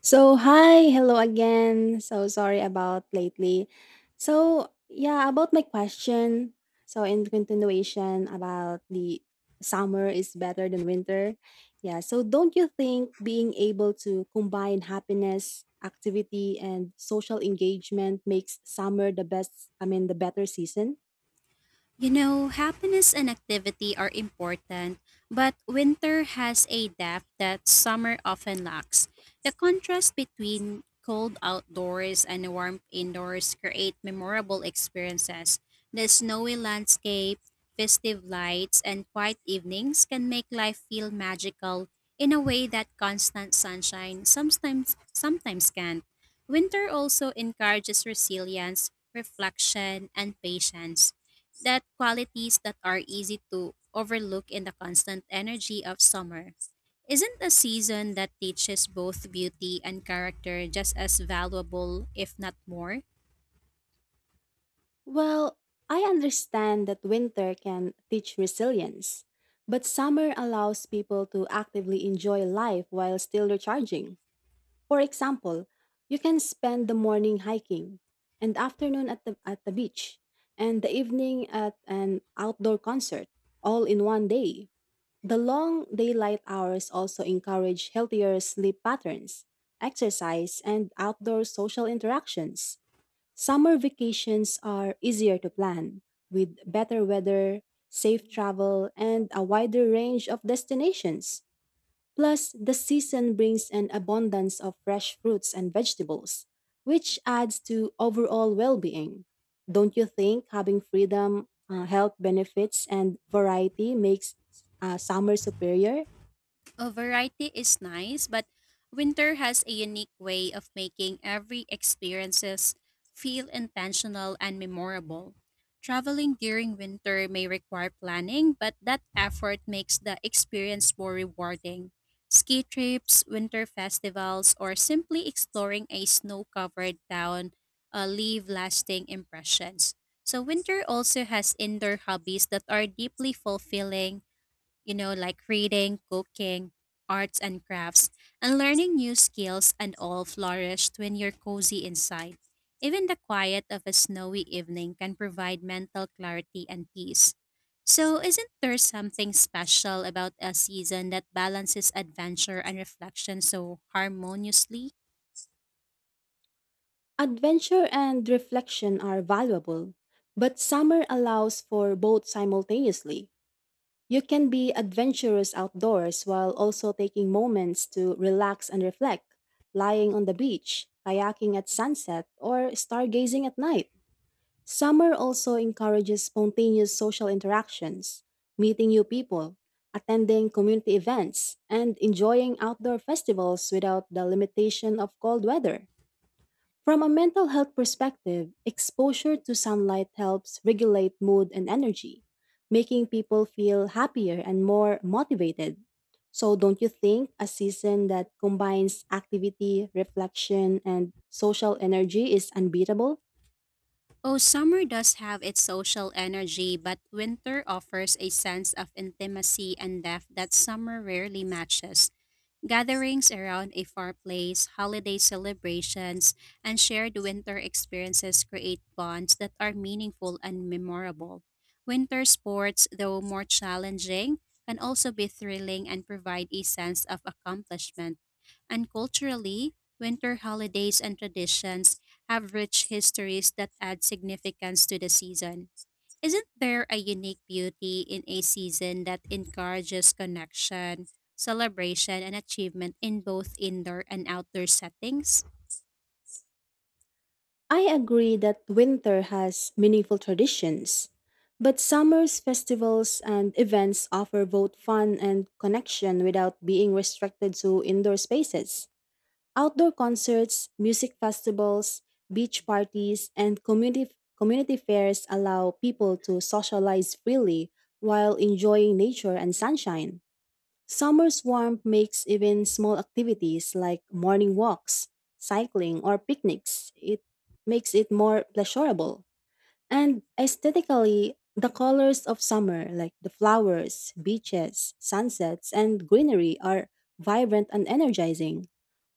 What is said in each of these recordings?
So, hi, hello again. So sorry about lately. So, yeah, about my question. So, in continuation about the Summer is better than winter. Yeah, so don't you think being able to combine happiness, activity, and social engagement makes summer the better season? You know, happiness and activity are important, but winter has a depth that summer often lacks. The contrast between cold outdoors and warmth indoors create memorable experiences. The snowy landscape, festive lights, and quiet evenings can make life feel magical in a way that constant sunshine sometimes can't. Winter also encourages resilience, reflection, and patience that qualities that are easy to overlook in the constant energy of summer. Isn't a season that teaches both beauty and character just as valuable, if not more? Well, I understand that winter can teach resilience, but summer allows people to actively enjoy life while still recharging. For example, you can spend the morning hiking and afternoon at the beach and the evening at an outdoor concert all in one day. The long daylight hours also encourage healthier sleep patterns, exercise, and outdoor social interactions. Summer vacations are easier to plan, with better weather, safe travel, and a wider range of destinations. Plus, the season brings an abundance of fresh fruits and vegetables, which adds to overall well being. Don't you think having freedom, health benefits, and variety makes summer superior? A variety is nice, but winter has a unique way of making every experiences feel intentional and memorable. Traveling during winter may require planning, but that effort makes the experience more rewarding. Ski trips, winter festivals, or simply exploring a snow-covered town leave lasting impressions. So winter also has indoor hobbies that are deeply fulfilling, you know, like reading, cooking, arts and crafts, and learning new skills, and all flourished when you're cozy inside. Even the quiet of a snowy evening can provide mental clarity and peace. So, isn't there something special about a season that balances adventure and reflection so harmoniously? Adventure and reflection are valuable, but summer allows for both simultaneously. You can be adventurous outdoors while also taking moments to relax and reflect, lying on the beach, kayaking at sunset, or stargazing at night. Summer also encourages spontaneous social interactions, meeting new people, attending community events, and enjoying outdoor festivals without the limitation of cold weather. From a mental health perspective, exposure to sunlight helps regulate mood and energy, making people feel happier and more motivated. So, don't you think a season that combines activity, reflection, and social energy is unbeatable? Oh, summer does have its social energy, but winter offers a sense of intimacy and depth that summer rarely matches. Gatherings around a fireplace, holiday celebrations, and shared winter experiences create bonds that are meaningful and memorable. Winter sports, though more challenging, can also be thrilling and provide a sense of accomplishment. And culturally, winter holidays and traditions have rich histories that add significance to the season. Isn't there a unique beauty in a season that encourages connection, celebration, and achievement in both indoor and outdoor settings? I agree that winter has meaningful traditions, but summer's festivals and events offer both fun and connection without being restricted to indoor spaces. Outdoor concerts, music festivals, beach parties, and community fairs allow people to socialize freely while enjoying nature and sunshine. Summer's warmth makes even small activities like morning walks, cycling, or picnics. It makes it more pleasurable. And aesthetically, the colors of summer, like the flowers, beaches, sunsets, and greenery, are vibrant and energizing.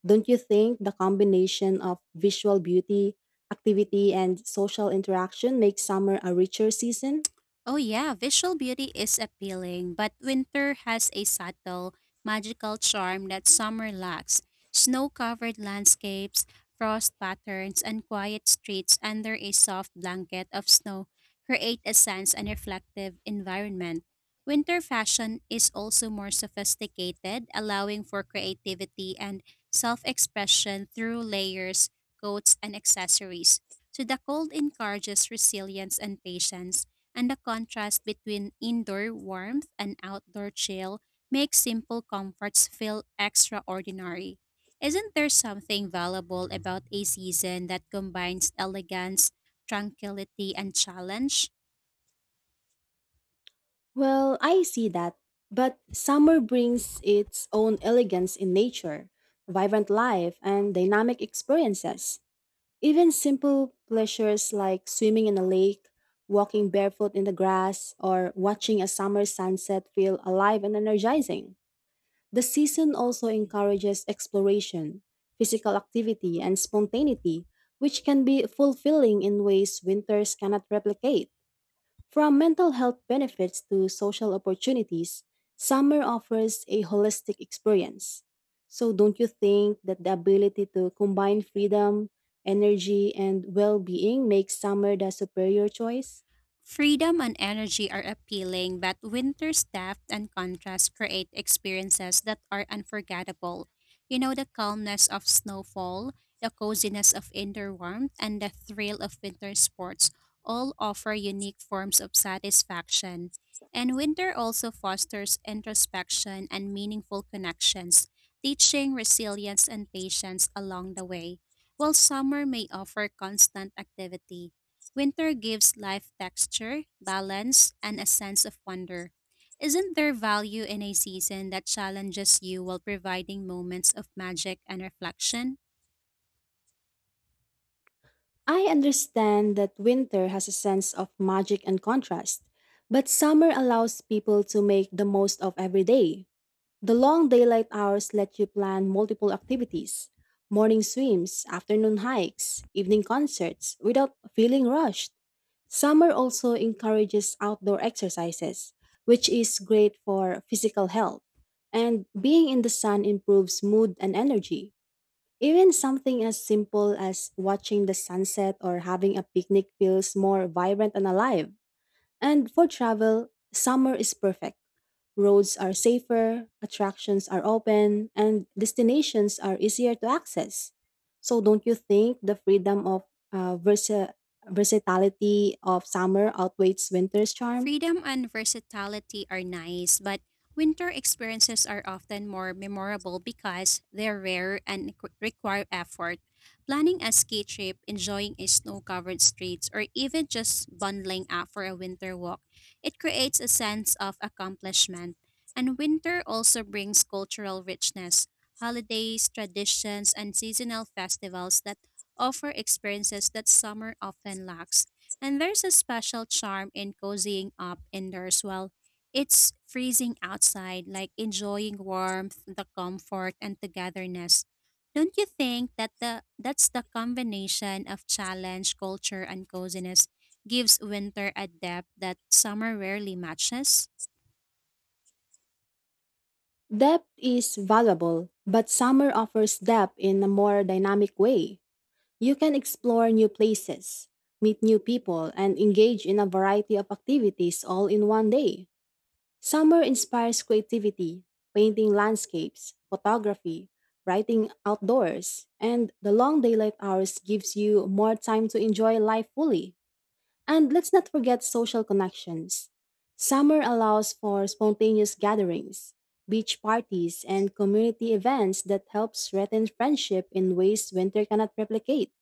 Don't you think the combination of visual beauty, activity, and social interaction makes summer a richer season? Oh yeah, visual beauty is appealing, but winter has a subtle, magical charm that summer lacks. Snow-covered landscapes, frost patterns, and quiet streets under a soft blanket of snow create a sense and reflective environment. Winter fashion is also more sophisticated, allowing for creativity and self-expression through layers, coats, and accessories. So the cold encourages resilience and patience, and the contrast between indoor warmth and outdoor chill makes simple comforts feel extraordinary. Isn't there something valuable about a season that combines elegance, tranquility, and challenge? Well, I see that. But summer brings its own elegance in nature, vibrant life, and dynamic experiences. Even simple pleasures like swimming in a lake, walking barefoot in the grass, or watching a summer sunset feel alive and energizing. The season also encourages exploration, physical activity, and spontaneity, which can be fulfilling in ways winters cannot replicate. From mental health benefits to social opportunities, summer offers a holistic experience. So, don't you think that the ability to combine freedom, energy, and well being makes summer the superior choice? Freedom and energy are appealing, but winter's depth and contrast create experiences that are unforgettable. You know, the calmness of snowfall, the coziness of indoor warmth, and the thrill of winter sports all offer unique forms of satisfaction. And winter also fosters introspection and meaningful connections, teaching resilience and patience along the way, while summer may offer constant activity. Winter gives life texture, balance, and a sense of wonder. Isn't there value in a season that challenges you while providing moments of magic and reflection? I understand that winter has a sense of magic and contrast, but summer allows people to make the most of every day. The long daylight hours let you plan multiple activities morning swims, afternoon hikes, evening concerts without feeling rushed. Summer also encourages outdoor exercises, which is great for physical health, and being in the sun improves mood and energy. Even something as simple as watching the sunset or having a picnic feels more vibrant and alive. And for travel, summer is perfect. Roads are safer, attractions are open, and destinations are easier to access. So, don't you think the freedom of uh, versa- versatility of summer outweighs winter's charm? Freedom and versatility are nice, but winter experiences are often more memorable because they're rare and require effort. Planning a ski trip, enjoying a snow-covered streets, or even just bundling up for a winter walk, it creates a sense of accomplishment. And winter also brings cultural richness, holidays, traditions, and seasonal festivals that offer experiences that summer often lacks. And there's a special charm in cozying up indoors while it's freezing outside, like enjoying warmth, the comfort, and togetherness. Don't you think that the that's the combination of challenge, culture, and coziness gives winter a depth that summer rarely matches? Depth is valuable, but summer offers depth in a more dynamic way. You can explore new places, meet new people, and engage in a variety of activities all in one day. Summer inspires creativity, painting landscapes, photography, writing outdoors, and the long daylight hours gives you more time to enjoy life fully. And let's not forget social connections. Summer allows for spontaneous gatherings, beach parties, and community events that help strengthen friendship in ways winter cannot replicate.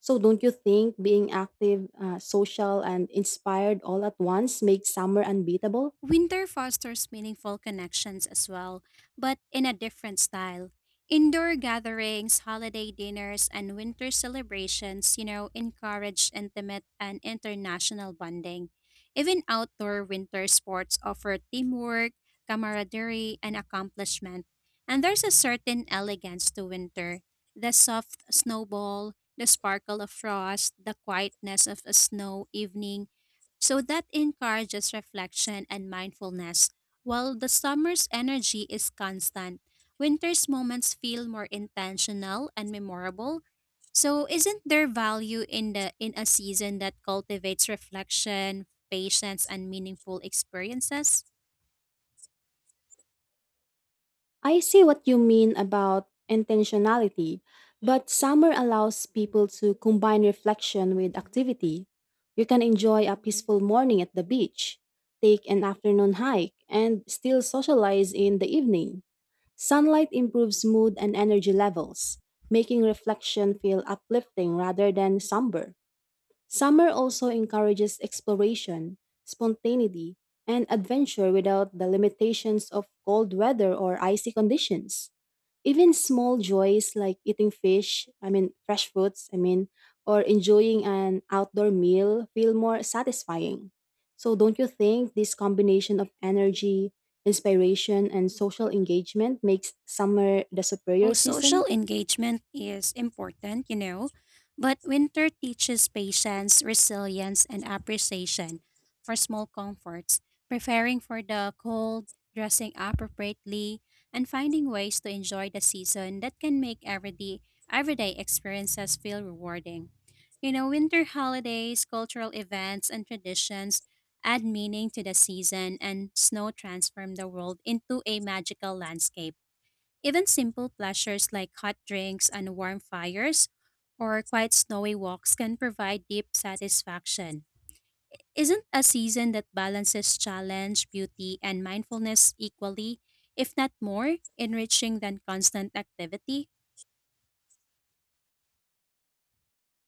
So, don't you think being active, social, and inspired all at once makes summer unbeatable? Winter fosters meaningful connections as well, but in a different style. Indoor gatherings, holiday dinners, and winter celebrations, you know, encourage intimate and international bonding. Even outdoor winter sports offer teamwork, camaraderie, and accomplishment. And there's a certain elegance to winter, the soft snowball, the sparkle of frost, the quietness of a snow evening, so that encourages reflection and mindfulness. While the summer's energy is constant, winter's moments feel more intentional and memorable. So isn't there value in the in a season that cultivates reflection, patience and meaningful experiences? I see what you mean about intentionality, but summer allows people to combine reflection with activity. You can enjoy a peaceful morning at the beach, take an afternoon hike, and still socialize in the evening. Sunlight improves mood and energy levels, making reflection feel uplifting rather than somber. Summer also encourages exploration, spontaneity, and adventure without the limitations of cold weather or icy conditions. Even small joys like eating fish, I mean, fresh fruits, or enjoying an outdoor meal feel more satisfying. So, don't you think this combination of energy, inspiration, and social engagement makes summer the superior Well, social season? engagement is important, you know, but winter teaches patience, resilience, and appreciation for small comforts, preparing for the cold, dressing appropriately, and finding ways to enjoy the season that can make everyday experiences feel rewarding. You know, winter holidays, cultural events, and traditions add meaning to the season, and snow transform the world into a magical landscape. Even simple pleasures like hot drinks and warm fires or quiet snowy walks can provide deep satisfaction. Isn't a season that balances challenge, beauty, and mindfulness equally, if not more, enriching than constant activity?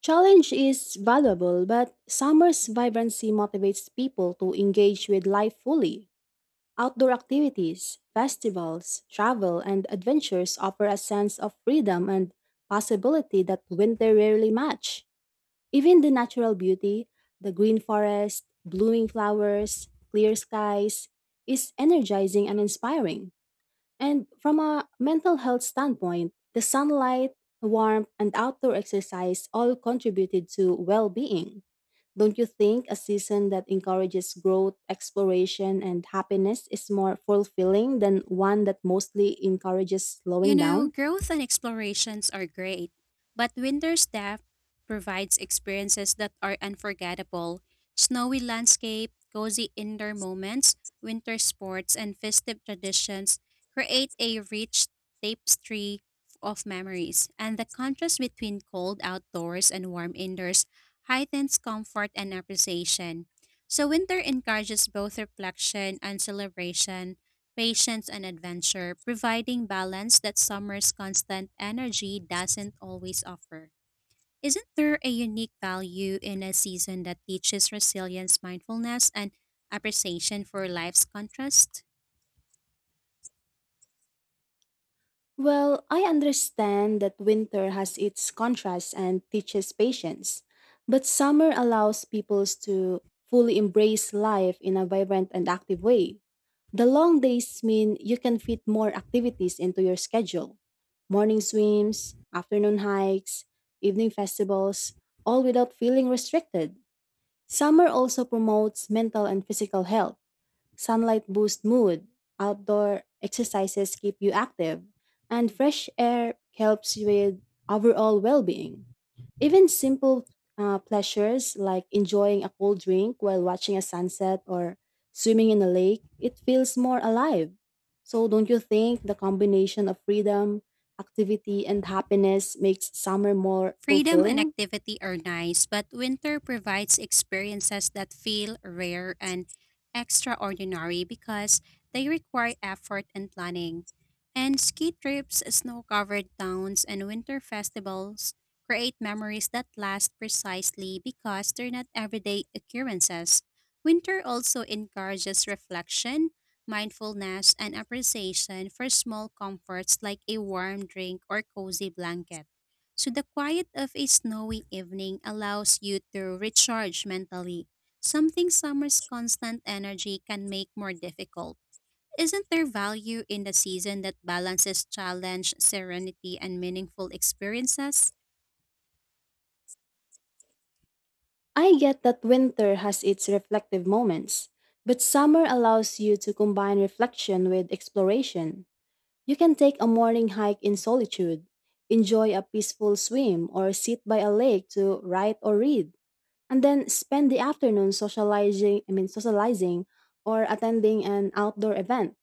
Challenge is valuable, but summer's vibrancy motivates people to engage with life fully. Outdoor activities, festivals, travel, and adventures offer a sense of freedom and possibility that winter rarely match. Even the natural beauty, the green forest, blooming flowers, clear skies, is energizing and inspiring. And from a mental health standpoint, the sunlight, warmth, and outdoor exercise all contributed to well being. Don't you think a season that encourages growth, exploration, and happiness is more fulfilling than one that mostly encourages You slowing know, down? growth and explorations are great, but winter's depth provides experiences that are unforgettable. Snowy landscape, cozy indoor moments, winter sports, and festive traditions create a rich tapestry of memories, and the contrast between cold outdoors and warm indoors heightens comfort and appreciation. So, winter encourages both reflection and celebration, patience, and adventure, providing balance that summer's constant energy doesn't always offer. Isn't there a unique value in a season that teaches resilience, mindfulness, and appreciation for life's contrast? Well, I understand that winter has its contrasts and teaches patience, but summer allows peoples to fully embrace life in a vibrant and active way. The long days mean you can fit more activities into your schedule morning swims, afternoon hikes, evening festivals, all without feeling restricted. Summer also promotes mental and physical health. Sunlight boosts mood, outdoor exercises keep you active, and fresh air helps with overall well being. Even simple pleasures like enjoying a cold drink while watching a sunset or swimming in a lake, it feels more alive. So, don't you think the combination of freedom, activity, and happiness makes summer more Freedom and fulfilling? activity are nice, but winter provides experiences that feel rare and extraordinary because they require effort and planning. And ski trips, snow covered towns, and winter festivals create memories that last precisely because they're not everyday occurrences. Winter also encourages reflection, mindfulness, and appreciation for small comforts like a warm drink or cozy blanket. So the quiet of a snowy evening allows you to recharge mentally, something summer's constant energy can make more difficult. Isn't there value in the season that balances challenge, serenity, and meaningful experiences? I get that winter has its reflective moments, but summer allows you to combine reflection with exploration. You can take a morning hike in solitude, enjoy a peaceful swim, or sit by a lake to write or read, and then spend the afternoon socializing, I mean socializing or attending an outdoor event.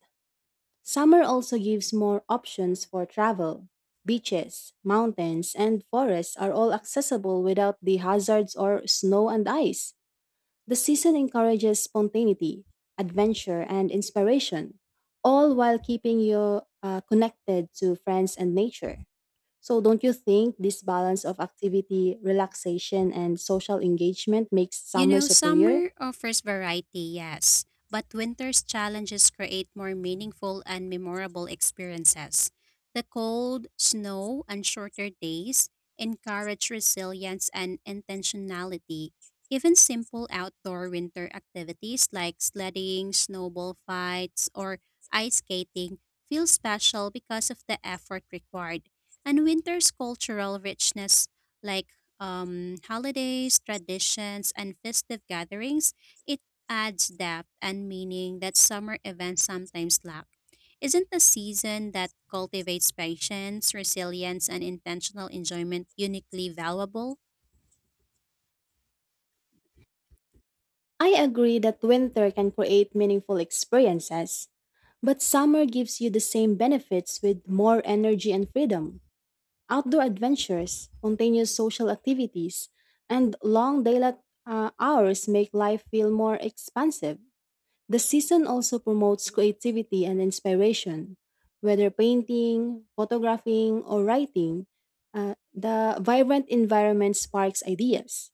Summer also gives more options for travel. Beaches, mountains, and forests are all accessible without the hazards or snow and ice. The season encourages spontaneity, adventure, and inspiration, all while keeping you connected to friends and nature. So, don't you think this balance of activity, relaxation, and social engagement makes You summer know, superior? summer offers variety, yes, but winter's challenges create more meaningful and memorable experiences. The cold, snow, and shorter days encourage resilience and intentionality. Even simple outdoor winter activities like sledding, snowball fights, or ice skating feel special because of the effort required. And winter's cultural richness, like holidays, traditions, and festive gatherings, it adds depth and meaning that summer events sometimes lack. Isn't the season that cultivates patience, resilience, and intentional enjoyment uniquely valuable? I agree that winter can create meaningful experiences, but summer gives you the same benefits with more energy and freedom. Outdoor adventures, spontaneous social activities, and long daylight hours make life feel more expansive. The season also promotes creativity and inspiration. Whether painting, photographing, or writing, the vibrant environment sparks ideas.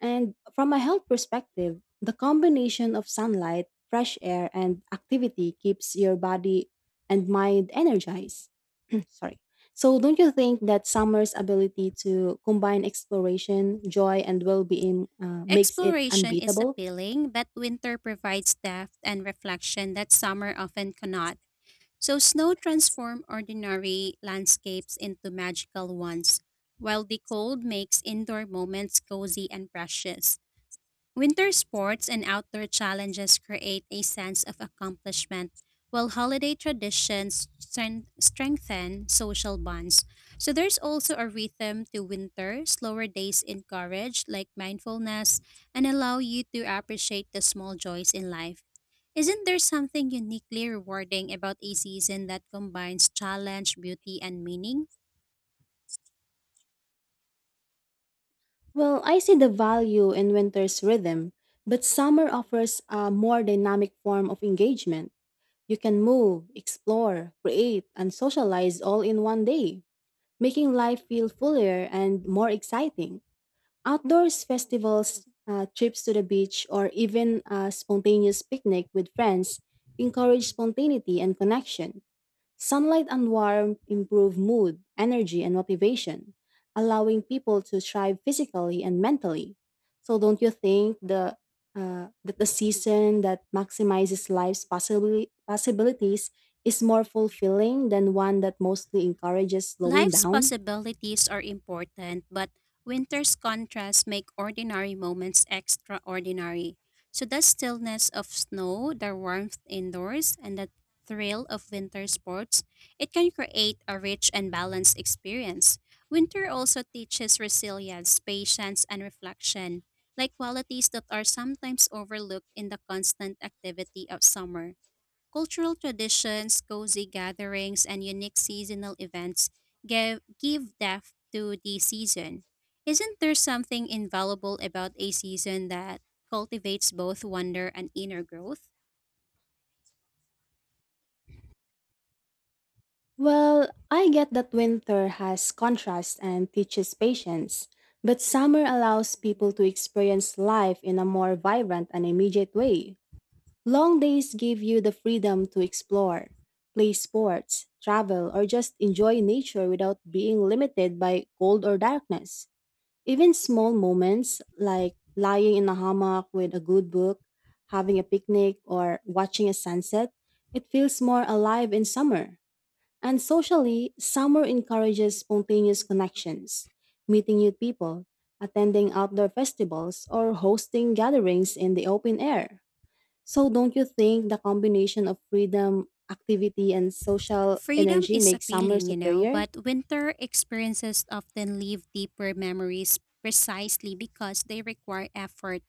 And from a health perspective, the combination of sunlight, fresh air, and activity keeps your body and mind energized sorry. So don't you think that summer's ability to combine exploration, joy, and well-being makes it Exploration is unbeatable? appealing, but winter provides depth and reflection that summer often cannot. So, snow transforms ordinary landscapes into magical ones while the cold makes indoor moments cozy and precious. Winter sports and outdoor challenges create a sense of accomplishment, while holiday traditions strengthen social bonds. So there's also a rhythm to winter. Slower days encourage, like, mindfulness, and allow you to appreciate the small joys in life. Isn't there something uniquely rewarding about a season that combines challenge, beauty, and meaning? Well, I see the value in winter's rhythm, but summer offers a more dynamic form of engagement. You can move, explore, create, and socialize all in one day, making life feel fuller and more exciting. Outdoors festivals, trips to the beach, or even a spontaneous picnic with friends encourage spontaneity and connection. Sunlight and warmth improve mood, energy, and motivation, allowing people to thrive physically and mentally. So, don't you think the that the season that maximizes possibilities is more fulfilling than one that mostly encourages slowing Life's down? possibilities are important, but winter's contrasts make ordinary moments extraordinary. So the stillness of snow, the warmth indoors, and the thrill of winter sports, it can create a rich and balanced experience. Winter also teaches resilience, patience, and reflection, like qualities that are sometimes overlooked in the constant activity of summer. Cultural traditions, cozy gatherings, and unique seasonal events give depth to the season. Isn't there something invaluable about a season that cultivates both wonder and inner growth? Well, I get that winter has contrast and teaches patience, but summer allows people to experience life in a more vibrant and immediate way. Long days give you the freedom to explore, play sports, travel, or just enjoy nature without being limited by cold or darkness. Even small moments like lying in a hammock with a good book, having a picnic, or watching a sunset, it feels more alive in summer. And socially, summer encourages spontaneous connections, meeting new people, attending outdoor festivals, or hosting gatherings in the open air. So, don't you think the combination of freedom, activity, and social Freedom energy is makes summer appealing, you know, superior? but winter experiences often leave deeper memories precisely because they require effort.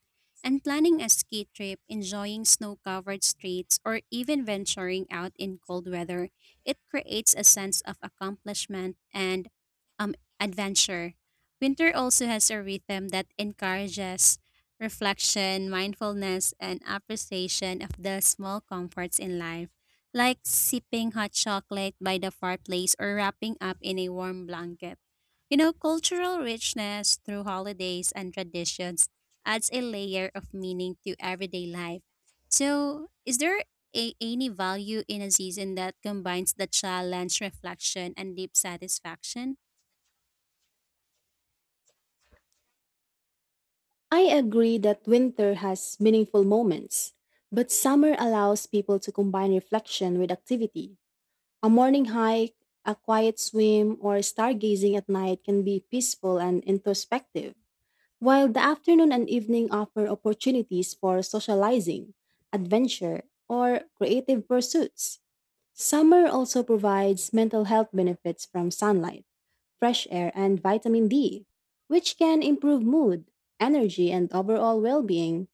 And planning a ski trip, enjoying snow covered streets, or even venturing out in cold weather, it creates a sense of accomplishment and um, adventure. Winter also has a rhythm that encourages reflection, mindfulness, and appreciation of the small comforts in life like sipping hot chocolate by the fireplace or wrapping up in a warm blanket. You know, cultural richness through holidays and traditions adds a layer of meaning to everyday life. So, is there any value in a season that combines the challenge, reflection, and deep satisfaction? I agree that winter has meaningful moments, but summer allows people to combine reflection with activity. A morning hike, a quiet swim, or stargazing at night can be peaceful and introspective. While the afternoon and evening offer opportunities for socializing, adventure, or creative pursuits, summer also provides mental health benefits from sunlight, fresh air, and vitamin D, which can improve mood, energy, and overall well being.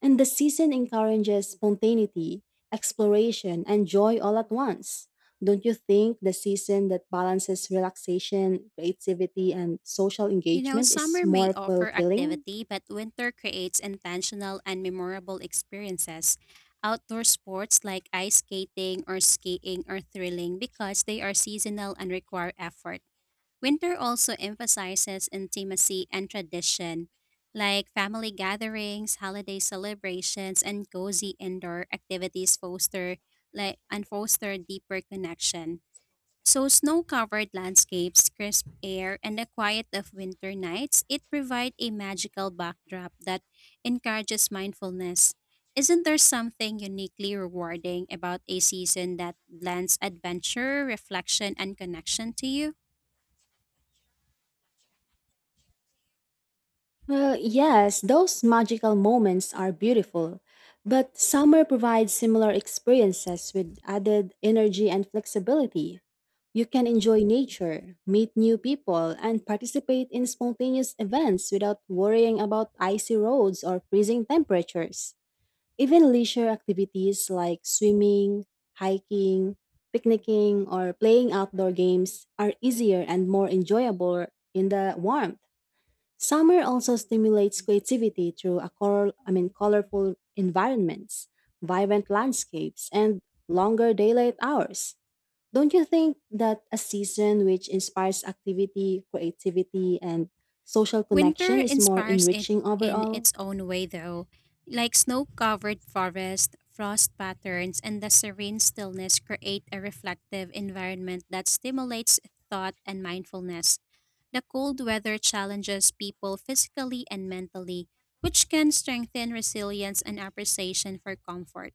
And the season encourages spontaneity, exploration, and joy all at once. Don't you think the season that balances relaxation, creativity, and social You know, engagement is summer may more offer fulfilling? activity, but winter creates intentional and memorable experiences. Outdoor sports like ice skating or skiing are thrilling because they are seasonal and require effort. Winter also emphasizes intimacy and tradition, like family gatherings, holiday celebrations, and cozy indoor activities foster and foster deeper connection. So snow-covered landscapes, crisp air, and the quiet of winter nights, it provide a magical backdrop that encourages mindfulness. Isn't there something uniquely rewarding about a season that blends adventure, reflection, and connection to you? Well, yes, those magical moments are beautiful, but summer provides similar experiences with added energy and flexibility. You can enjoy nature, meet new people, and participate in spontaneous events without worrying about icy roads or freezing temperatures. Even leisure activities like swimming, hiking, picnicking, or playing outdoor games are easier and more enjoyable in the warmth. Summer also stimulates creativity through a color, I mean, colorful environments, vibrant landscapes, and longer daylight hours. Don't you think that a season which inspires activity, creativity, and social Winter connection is more inspires it enriching in overall? its own way, though, like snow covered forest, frost patterns, and the serene stillness create a reflective environment that stimulates thought and mindfulness. The cold weather challenges people physically and mentally, which can strengthen resilience and appreciation for comfort.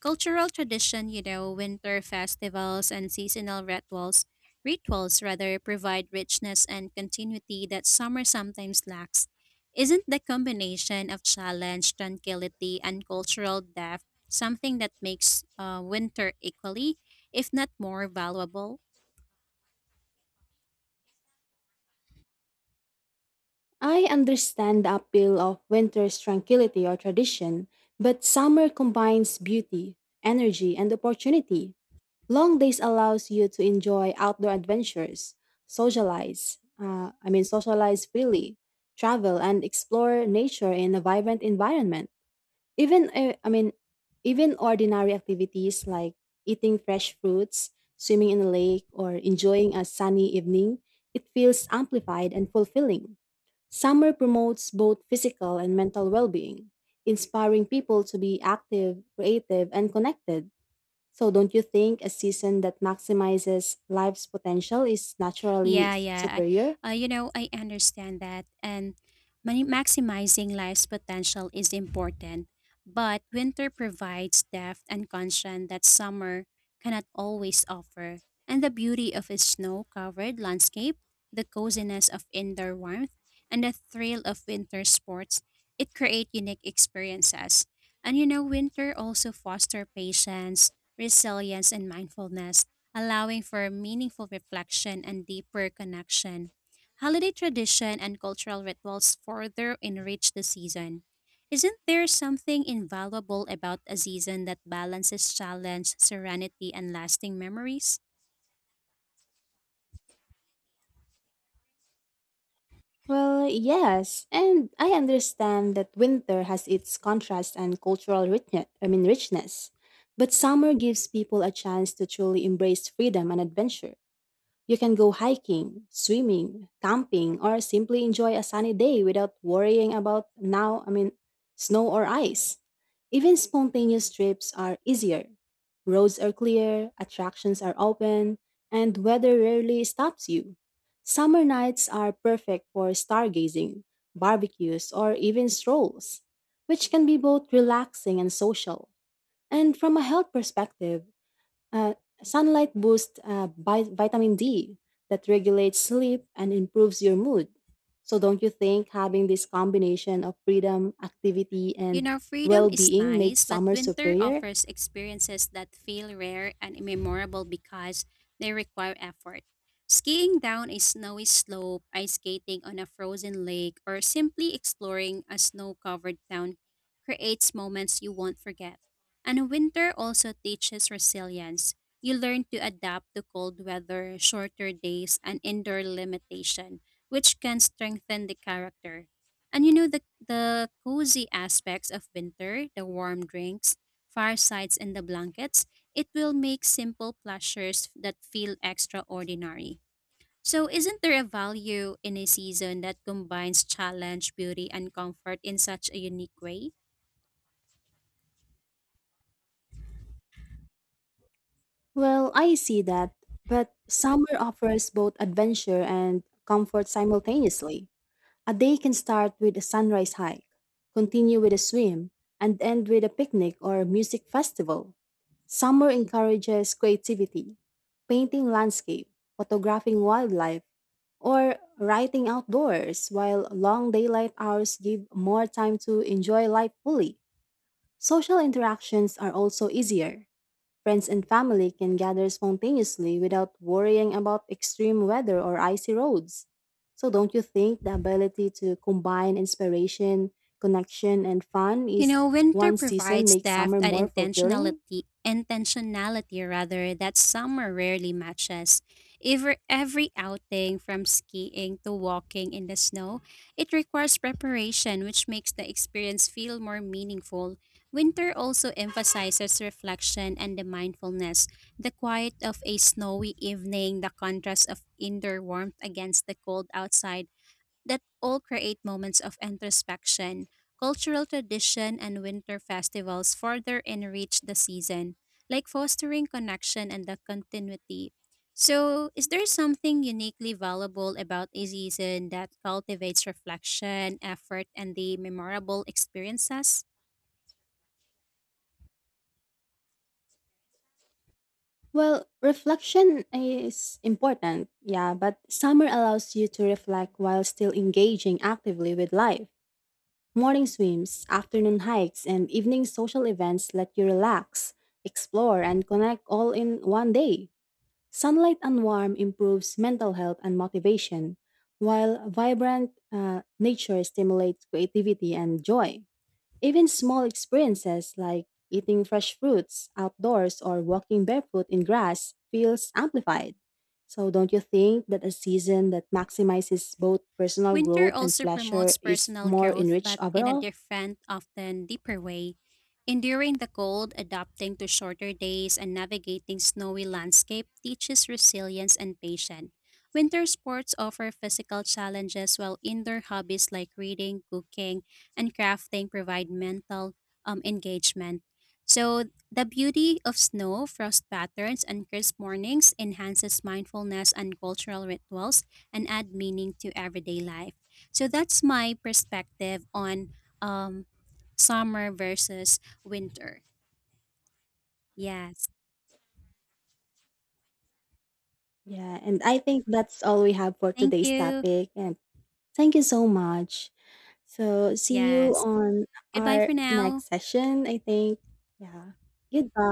Cultural tradition, you know, winter festivals and seasonal rituals, rituals rather, provide richness and continuity that summer sometimes lacks. Isn't the combination of challenge, tranquility, and cultural depth something that makes winter equally, if not more, valuable? I understand the appeal of winter's tranquility or tradition, but summer combines beauty, energy, and opportunity. Long days allows you to enjoy outdoor adventures, socialize, I mean socialize freely, travel and explore nature in a vibrant environment. Even I mean Even ordinary activities like eating fresh fruits, swimming in a lake or enjoying a sunny evening, it feels amplified and fulfilling. Summer promotes both physical and mental well-being, inspiring people to be active, creative and connected. So, don't you think a season that maximizes life's potential is naturally Yeah, yeah. superior? You know, I understand that. And maximizing life's potential is important. But winter provides depth and caution that summer cannot always offer. And the beauty of a snow covered landscape, the coziness of indoor warmth, and the thrill of winter sports, it create unique experiences. And you know, winter also foster patience, resilience, and mindfulness allowing for meaningful reflection and deeper connection. Holiday tradition and cultural rituals further enrich the season. Isn't there something invaluable about a season that balances challenge, serenity, and lasting memories? Well, yes, and I understand that winter has its contrast and cultural richness, I mean richness. But summer gives people a chance to truly embrace freedom and adventure. You can go hiking, swimming, camping, or simply enjoy a sunny day without worrying about snow or ice. Even spontaneous trips are easier. Roads are clear, attractions are open, and weather rarely stops you. Summer nights are perfect for stargazing, barbecues, or even strolls, which can be both relaxing and social. And from a health perspective, uh, sunlight boosts vitamin D that regulates sleep and improves your mood. So, don't you think having this combination of freedom, activity, You and know, freedom well is being makes nice, but summer winter superior? offers experiences that feel rare and memorable because they require effort. Skiing down a snowy slope, ice skating on a frozen lake, or simply exploring a snow covered town creates moments you won't forget. And winter also teaches resilience. You learn to adapt to cold weather, shorter days, and indoor limitation, which can strengthen the character. And you know, the cozy aspects of winter, the warm drinks, firesides and the blankets, it will make simple pleasures that feel extraordinary. So isn't there a value in a season that combines challenge, beauty and comfort in such a unique way? Well, I see that, but summer offers both adventure and comfort simultaneously. A day can start with a sunrise hike, continue with a swim, and end with a picnic or a music festival. Summer encourages creativity, painting landscape, photographing wildlife, or writing outdoors, while long daylight hours give more time to enjoy life fully. Social interactions are also easier. Friends and family can gather spontaneously without worrying about extreme weather or icy roads. So, don't you think the ability to combine inspiration, connection, and fun You is know, winter one season provides makes depth summer and more fulfilling? Intentionality rather that summer rarely matches. Every outing from skiing to walking in the snow, it requires preparation which makes the experience feel more meaningful. Winter also emphasizes reflection and the mindfulness, the quiet of a snowy evening, the contrast of indoor warmth against the cold outside, that all create moments of introspection. Cultural tradition and winter festivals further enrich the season, like fostering connection and the continuity. So, is there something uniquely valuable about a season that cultivates reflection, effort, and the memorable experiences? Well, reflection is important, yeah, but summer allows you to reflect while still engaging actively with life. Morning swims, afternoon hikes, and evening social events let you relax, explore, and connect all in one day. Sunlight and warmth improves mental health and motivation, while vibrant nature stimulates creativity and joy. Even small experiences like eating fresh fruits outdoors or walking barefoot in grass feels amplified. So don't you think that a season that maximizes both personal Winter growth and also pleasure promotes is personal more growth, enriched but in a overall? different, often deeper way. Enduring the cold, adapting to shorter days, and navigating snowy landscape teaches resilience and patience. Winter sports offer physical challenges, while indoor hobbies like reading, cooking, and crafting provide mental engagement. So, the beauty of snow, frost patterns, and crisp mornings enhances mindfulness and cultural rituals and add meaning to everyday life. So that's my perspective on um, summer versus winter. Yes. Yeah, and I think that's all we have for Thank today's you. topic and thank you so much. So see you Yes. on Goodbye our for now. next session, I think. Yeah. Goodbye.